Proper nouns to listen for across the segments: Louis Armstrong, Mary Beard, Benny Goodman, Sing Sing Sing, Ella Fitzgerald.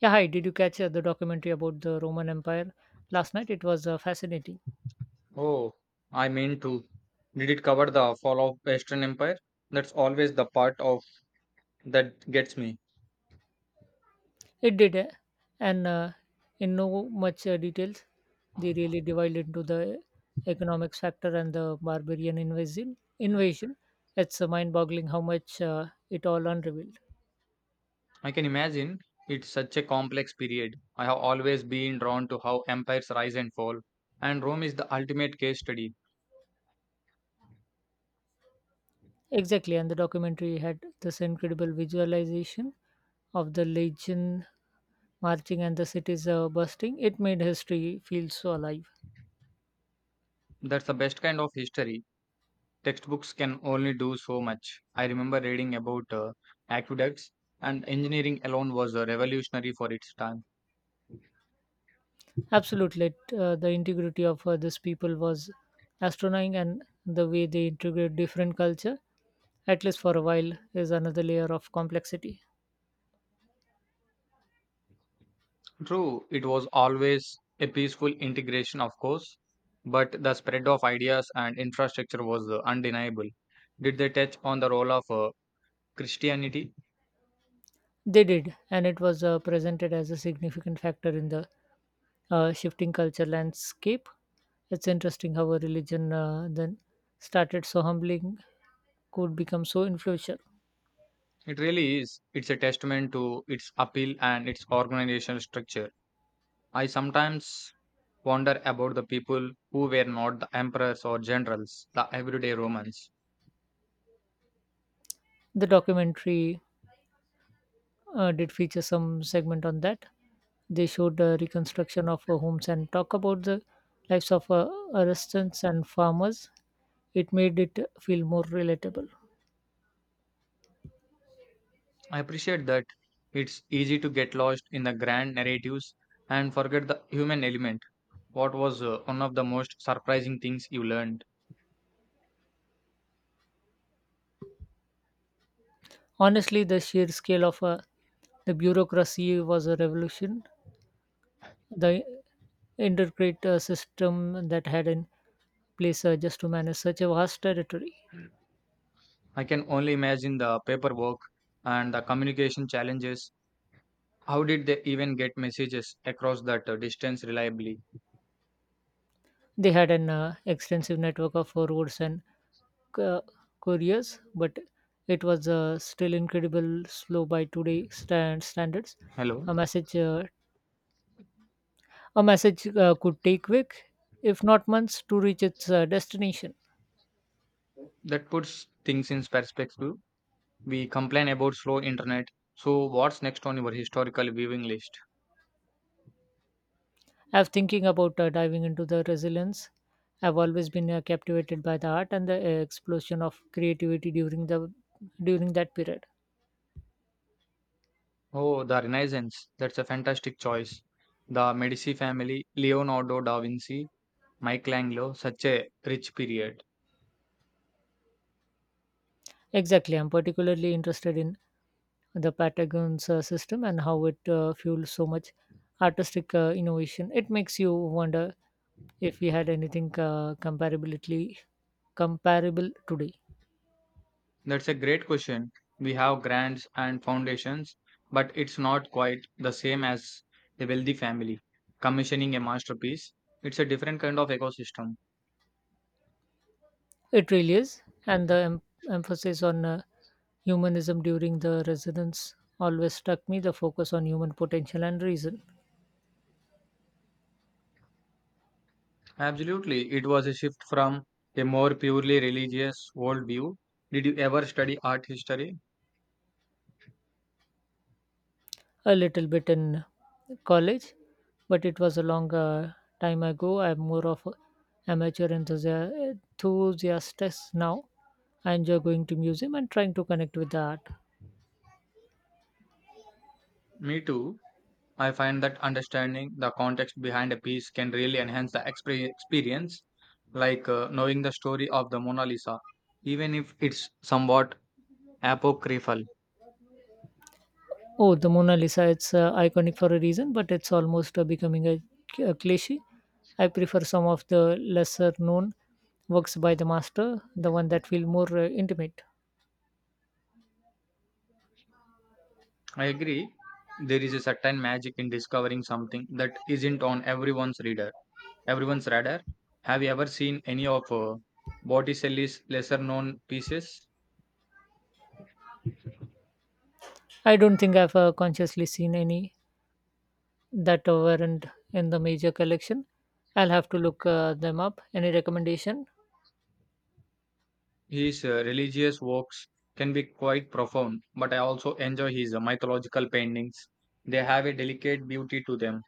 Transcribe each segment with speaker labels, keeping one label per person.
Speaker 1: Yeah, hi. Did you catch the documentary about the Roman Empire last night? It was fascinating.
Speaker 2: Oh, I mean to. Did it cover the fall of Western Empire? That's always the part of that gets me.
Speaker 1: It did, eh? And in no much details, they really divide into the economics factor and the barbarian invasion. It's mind-boggling how much it all unrevealed.
Speaker 2: I can imagine it's such a complex period. I have always been drawn to how empires rise and fall, and Rome is the ultimate case study.
Speaker 1: Exactly, and the documentary had this incredible visualization of the legion marching and the cities bursting. It made history feel so alive.
Speaker 2: That's the best kind of history. Textbooks can only do so much. I remember reading about aqueducts, and engineering alone was revolutionary for its time.
Speaker 1: Absolutely, the integrity of these people was astonishing, and the way they integrate different culture, at least for a while, is another layer of complexity.
Speaker 2: True, it was always a peaceful integration, of course, but the spread of ideas and infrastructure was undeniable. Did they touch on the role of Christianity?
Speaker 1: They did, and it was presented as a significant factor in the shifting culture landscape. It's interesting how a religion then started so humbling could become so influential.
Speaker 2: It really is. It's a testament to its appeal and its organizational structure. I sometimes wonder about the people who were not the emperors or generals, the everyday Romans.
Speaker 1: The documentary did feature some segment on that. They showed reconstruction of homes and talk about the lives of artisans and farmers. It made it feel more relatable.
Speaker 2: I appreciate that it's easy to get lost in the grand narratives and forget the human element. What was one of the most surprising things you learned?
Speaker 1: Honestly, the sheer scale of the bureaucracy was a revolution. The intricate system that had in place just to manage such a vast territory.
Speaker 2: I can only imagine the paperwork and the communication challenges. How did they even get messages across that distance reliably?
Speaker 1: They had an extensive network of roads and cu- curious, but it was still incredible slow by today standards.
Speaker 2: Hello?
Speaker 1: A a message could take week, if not months, to reach its destination.
Speaker 2: That puts things in perspective. We complain about slow internet. So, what's next on your historical viewing list?
Speaker 1: I'm thinking about diving into the resilience. I've always been captivated by the art and the explosion of creativity during that period.
Speaker 2: Oh, the Renaissance. That's a fantastic choice. The Medici family, Leonardo da Vinci, Michelangelo, such a rich period.
Speaker 1: Exactly. I'm particularly interested in the Patagon's system and how it fuels so much artistic innovation. It makes you wonder if we had anything comparability comparable today.
Speaker 2: That's a great question. We have grants and foundations, but it's not quite the same as a wealthy family commissioning a masterpiece. It's a different kind of ecosystem.
Speaker 1: It really is, and the emphasis on humanism during the residence always struck me. The focus on human potential and reason.
Speaker 2: Absolutely, it was a shift from a more purely religious worldview. Did you ever study art history?
Speaker 1: A little bit in college, but it was a long time ago. I'm more of a amateur enthusiast now. I enjoy going to museum and trying to connect with the art.
Speaker 2: Me too. I find that understanding the context behind a piece can really enhance the experience, like knowing the story of the Mona Lisa, even if it's somewhat apocryphal.
Speaker 1: Oh, the Mona Lisa, it's iconic for a reason, but it's almost becoming a cliche. I prefer some of the lesser known works by the master, the one that feel more intimate.
Speaker 2: I agree. There is a certain magic in discovering something that isn't on everyone's radar. Have you ever seen any of Botticelli's lesser-known pieces?
Speaker 1: I don't think I've consciously seen any that weren't in the major collection. I'll have to look them up. Any recommendation?
Speaker 2: His religious works can be quite profound, but I also enjoy his mythological paintings. They have a delicate beauty to them.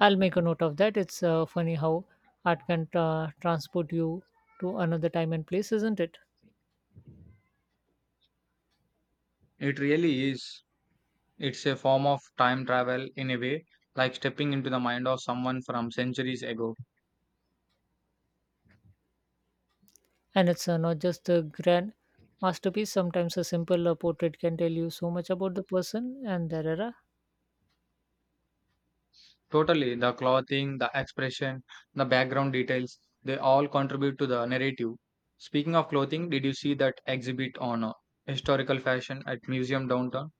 Speaker 1: I'll make a note of that. It's funny how art can transport you to another time and place, isn't it?
Speaker 2: It really is. It's a form of time travel in a way, like stepping into the mind of someone from centuries ago.
Speaker 1: And it's not just the grand masterpiece. Sometimes a simple portrait can tell you so much about the person and their era.
Speaker 2: Totally, the clothing, the expression, the background details, they all contribute to the narrative. Speaking of clothing, did you see that exhibit on historical fashion at Museum Downtown?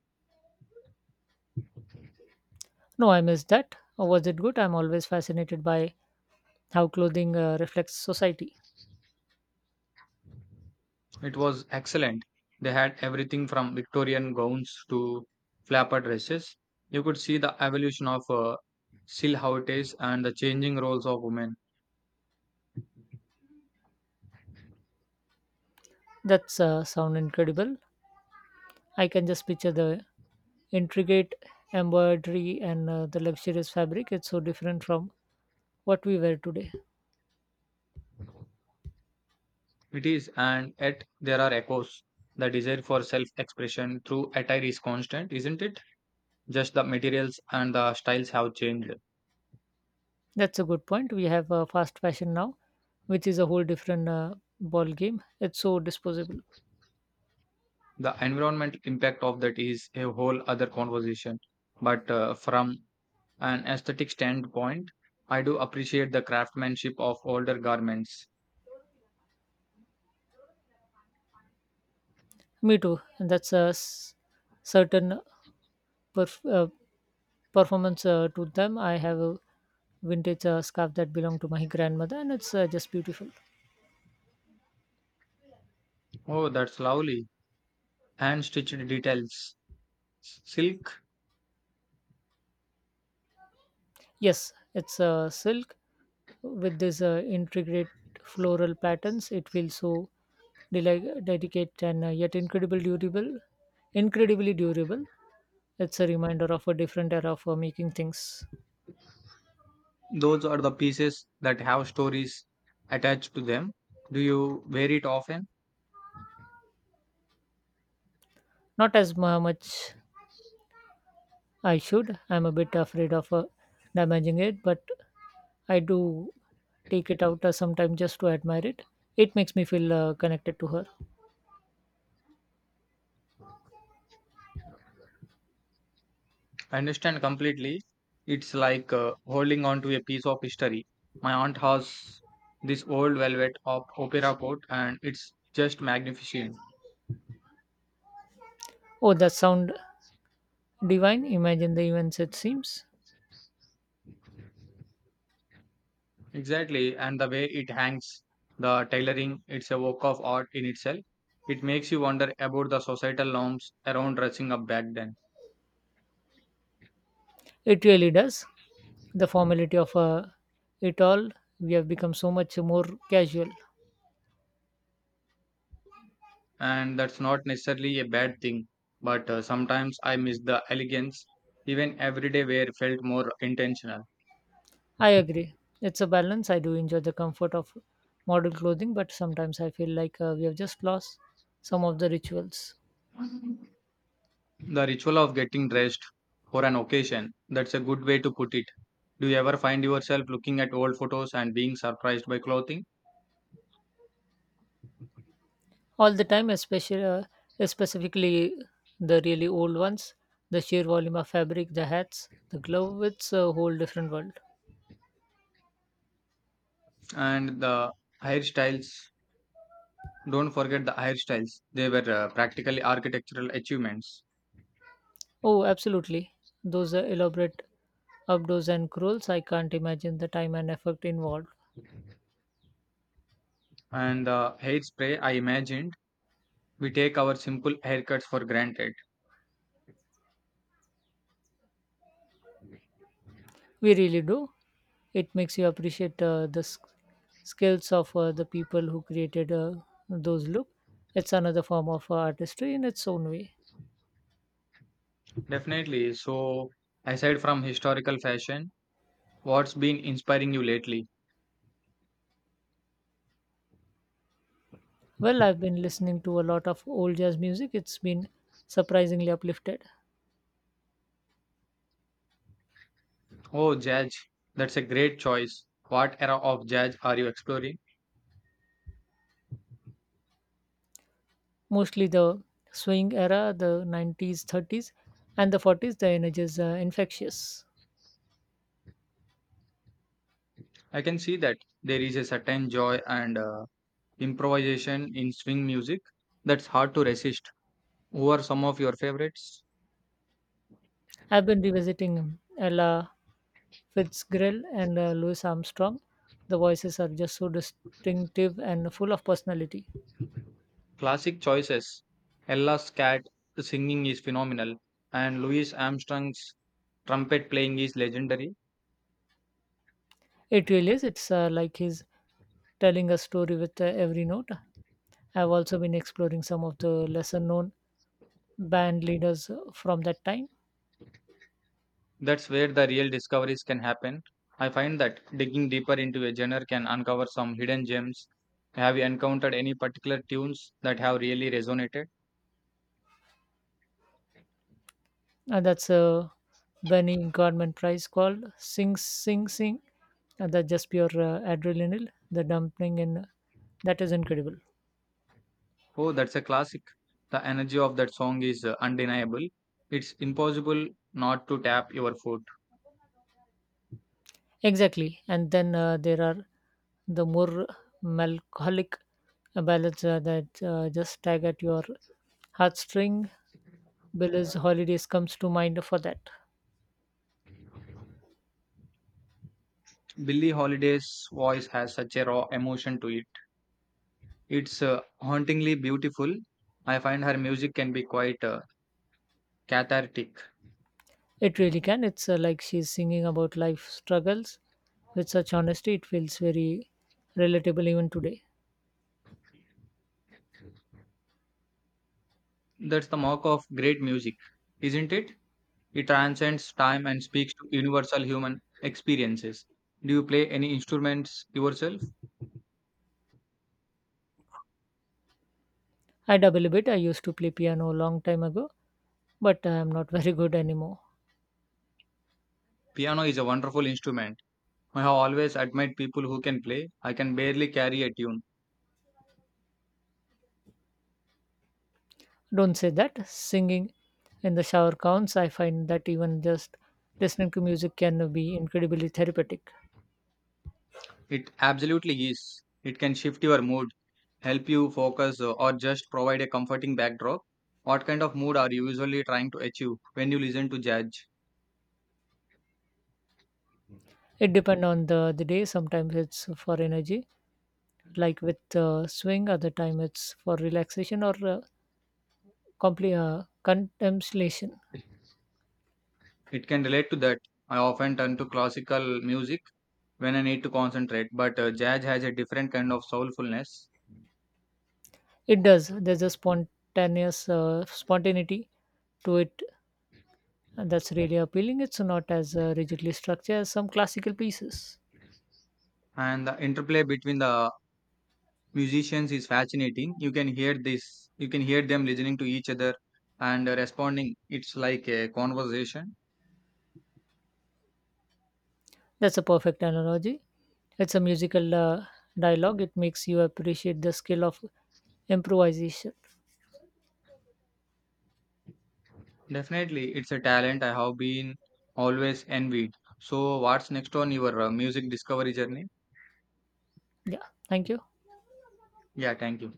Speaker 1: No, I missed that. Was it good? I'm always fascinated by how clothing reflects society.
Speaker 2: It was excellent. They had everything from Victorian gowns to flapper dresses. You could see the evolution of silhouettes and the changing roles of women.
Speaker 1: That's sound incredible. I can just picture the intricate embroidery and the luxurious fabric. It's so different from what we wear today.
Speaker 2: It is, and yet there are echoes. The desire for self expression through attire is constant, isn't it? Just the materials and the styles have changed.
Speaker 1: That's a good point. We have fast fashion now, which is a whole different ball game. It's so disposable.
Speaker 2: The environmental impact of that is a whole other conversation. But from an aesthetic standpoint, I do appreciate the craftsmanship of older garments.
Speaker 1: Me too. And that's certain perf- uh, performance to them. I have a vintage scarf that belonged to my grandmother, and it's just beautiful.
Speaker 2: Oh, that's lovely. Hand stitched details. Silk,
Speaker 1: Yes, it's silk with this intricate floral patterns. It feels so delicate and yet incredibly durable. It's a reminder of a different era for making things.
Speaker 2: those are the pieces that have stories attached to them. Do you wear it often?
Speaker 1: Not as much I should. I'm a bit afraid of damaging it, but I do take it out sometime just to admire it. It makes me feel connected to her.
Speaker 2: I understand completely. It's like holding on to a piece of history. My aunt has this old velvet of opera coat, and it's just magnificent.
Speaker 1: Oh, that sound divine. Imagine the events it seems.
Speaker 2: Exactly, and the way it hangs, the tailoring, it's a work of art in itself. It makes you wonder about the societal norms around dressing up back then.
Speaker 1: It really does. The formality of it all. We have become so much more casual.
Speaker 2: And that's not necessarily a bad thing, but sometimes I miss the elegance. Even everyday wear felt more intentional.
Speaker 1: I agree. It's a balance. I do enjoy the comfort of modern clothing, but sometimes I feel like we have just lost some of the rituals.
Speaker 2: The ritual of getting dressed for an occasion, that's a good way to put it. Do you ever find yourself looking at old photos and being surprised by clothing?
Speaker 1: All the time, especially specifically the really old ones, the sheer volume of fabric, the hats, the glove, it's a whole different world.
Speaker 2: And the hairstyles, don't forget the hairstyles, they were practically architectural achievements.
Speaker 1: Oh, absolutely. Those elaborate abdos and curls, I can't imagine the time and effort involved.
Speaker 2: And the hairspray, I imagined, we take our simple haircuts for granted.
Speaker 1: We really do. It makes you appreciate skills of the people who created those look. It's another form of artistry in its own way.
Speaker 2: Definitely. So, aside from historical fashion, what's been inspiring you lately?
Speaker 1: Well, I've been listening to a lot of old jazz music. It's been surprisingly uplifted.
Speaker 2: Oh, jazz, that's a great choice. What era of jazz are you exploring?
Speaker 1: Mostly the swing era, the 90s, 30s, and the 40s. The energy is infectious.
Speaker 2: I can see that there is a certain joy and improvisation in swing music that's hard to resist. Who are some of your favorites?
Speaker 1: I've been revisiting Ella Fitzgerald and Louis Armstrong. The voices are just so distinctive and full of personality.
Speaker 2: Classic choices. Ella's cat singing is phenomenal, and Louis Armstrong's trumpet playing is legendary.
Speaker 1: It really is. It's like he's telling a story with every note. I've also been exploring some of the lesser known band leaders from that time.
Speaker 2: That's where the real discoveries can happen. I find that digging deeper into a genre can uncover some hidden gems. Have you encountered any particular tunes that have really resonated?
Speaker 1: And that's a Benny Goodman Prize called Sing Sing Sing. And that's just pure adrenaline, the dumping, and that is incredible.
Speaker 2: Oh, that's a classic. The energy of that song is undeniable. It's impossible not to tap your foot.
Speaker 1: Exactly. And then there are the more melancholic ballads that just tag at your heartstring. Billy's Holidays comes to mind for that.
Speaker 2: Billie Holiday's voice has such a raw emotion to it. It's hauntingly beautiful. I find her music can be quite cathartic.
Speaker 1: It really can. It's like she's singing about life struggles with such honesty. It feels very relatable even today.
Speaker 2: That's the mark of great music, isn't it? It transcends time and speaks to universal human experiences. Do you play any instruments yourself?
Speaker 1: I dabble a bit. I used to play piano a long time ago, but I'm not very good anymore.
Speaker 2: Piano is a wonderful instrument. I have always admired people who can play. I can barely carry a tune.
Speaker 1: Don't say that. Singing in the shower counts. I find that even just listening to music can be incredibly therapeutic.
Speaker 2: It absolutely is. It can shift your mood, help you focus, or just provide a comforting backdrop. What kind of mood are you usually trying to achieve when you listen to jazz?
Speaker 1: It depends on the day. Sometimes it's for energy, like with swing. Other time it's for relaxation or complete contemplation.
Speaker 2: It can relate to that. I often turn to classical music when I need to concentrate, but jazz has a different kind of soulfulness,
Speaker 1: It does. There's a spontaneous spontaneity to it that's really appealing. It's not as rigidly structured as some classical pieces.
Speaker 2: and the interplay between the musicians is fascinating. You can hear them listening to each other and responding. It's like a conversation.
Speaker 1: That's a perfect analogy. It's a musical dialogue. It makes you appreciate the skill of improvisation.
Speaker 2: Definitely, it's a talent I have been always envied. So, what's next on your music discovery journey?
Speaker 1: Yeah. Thank you.
Speaker 2: Yeah, thank you.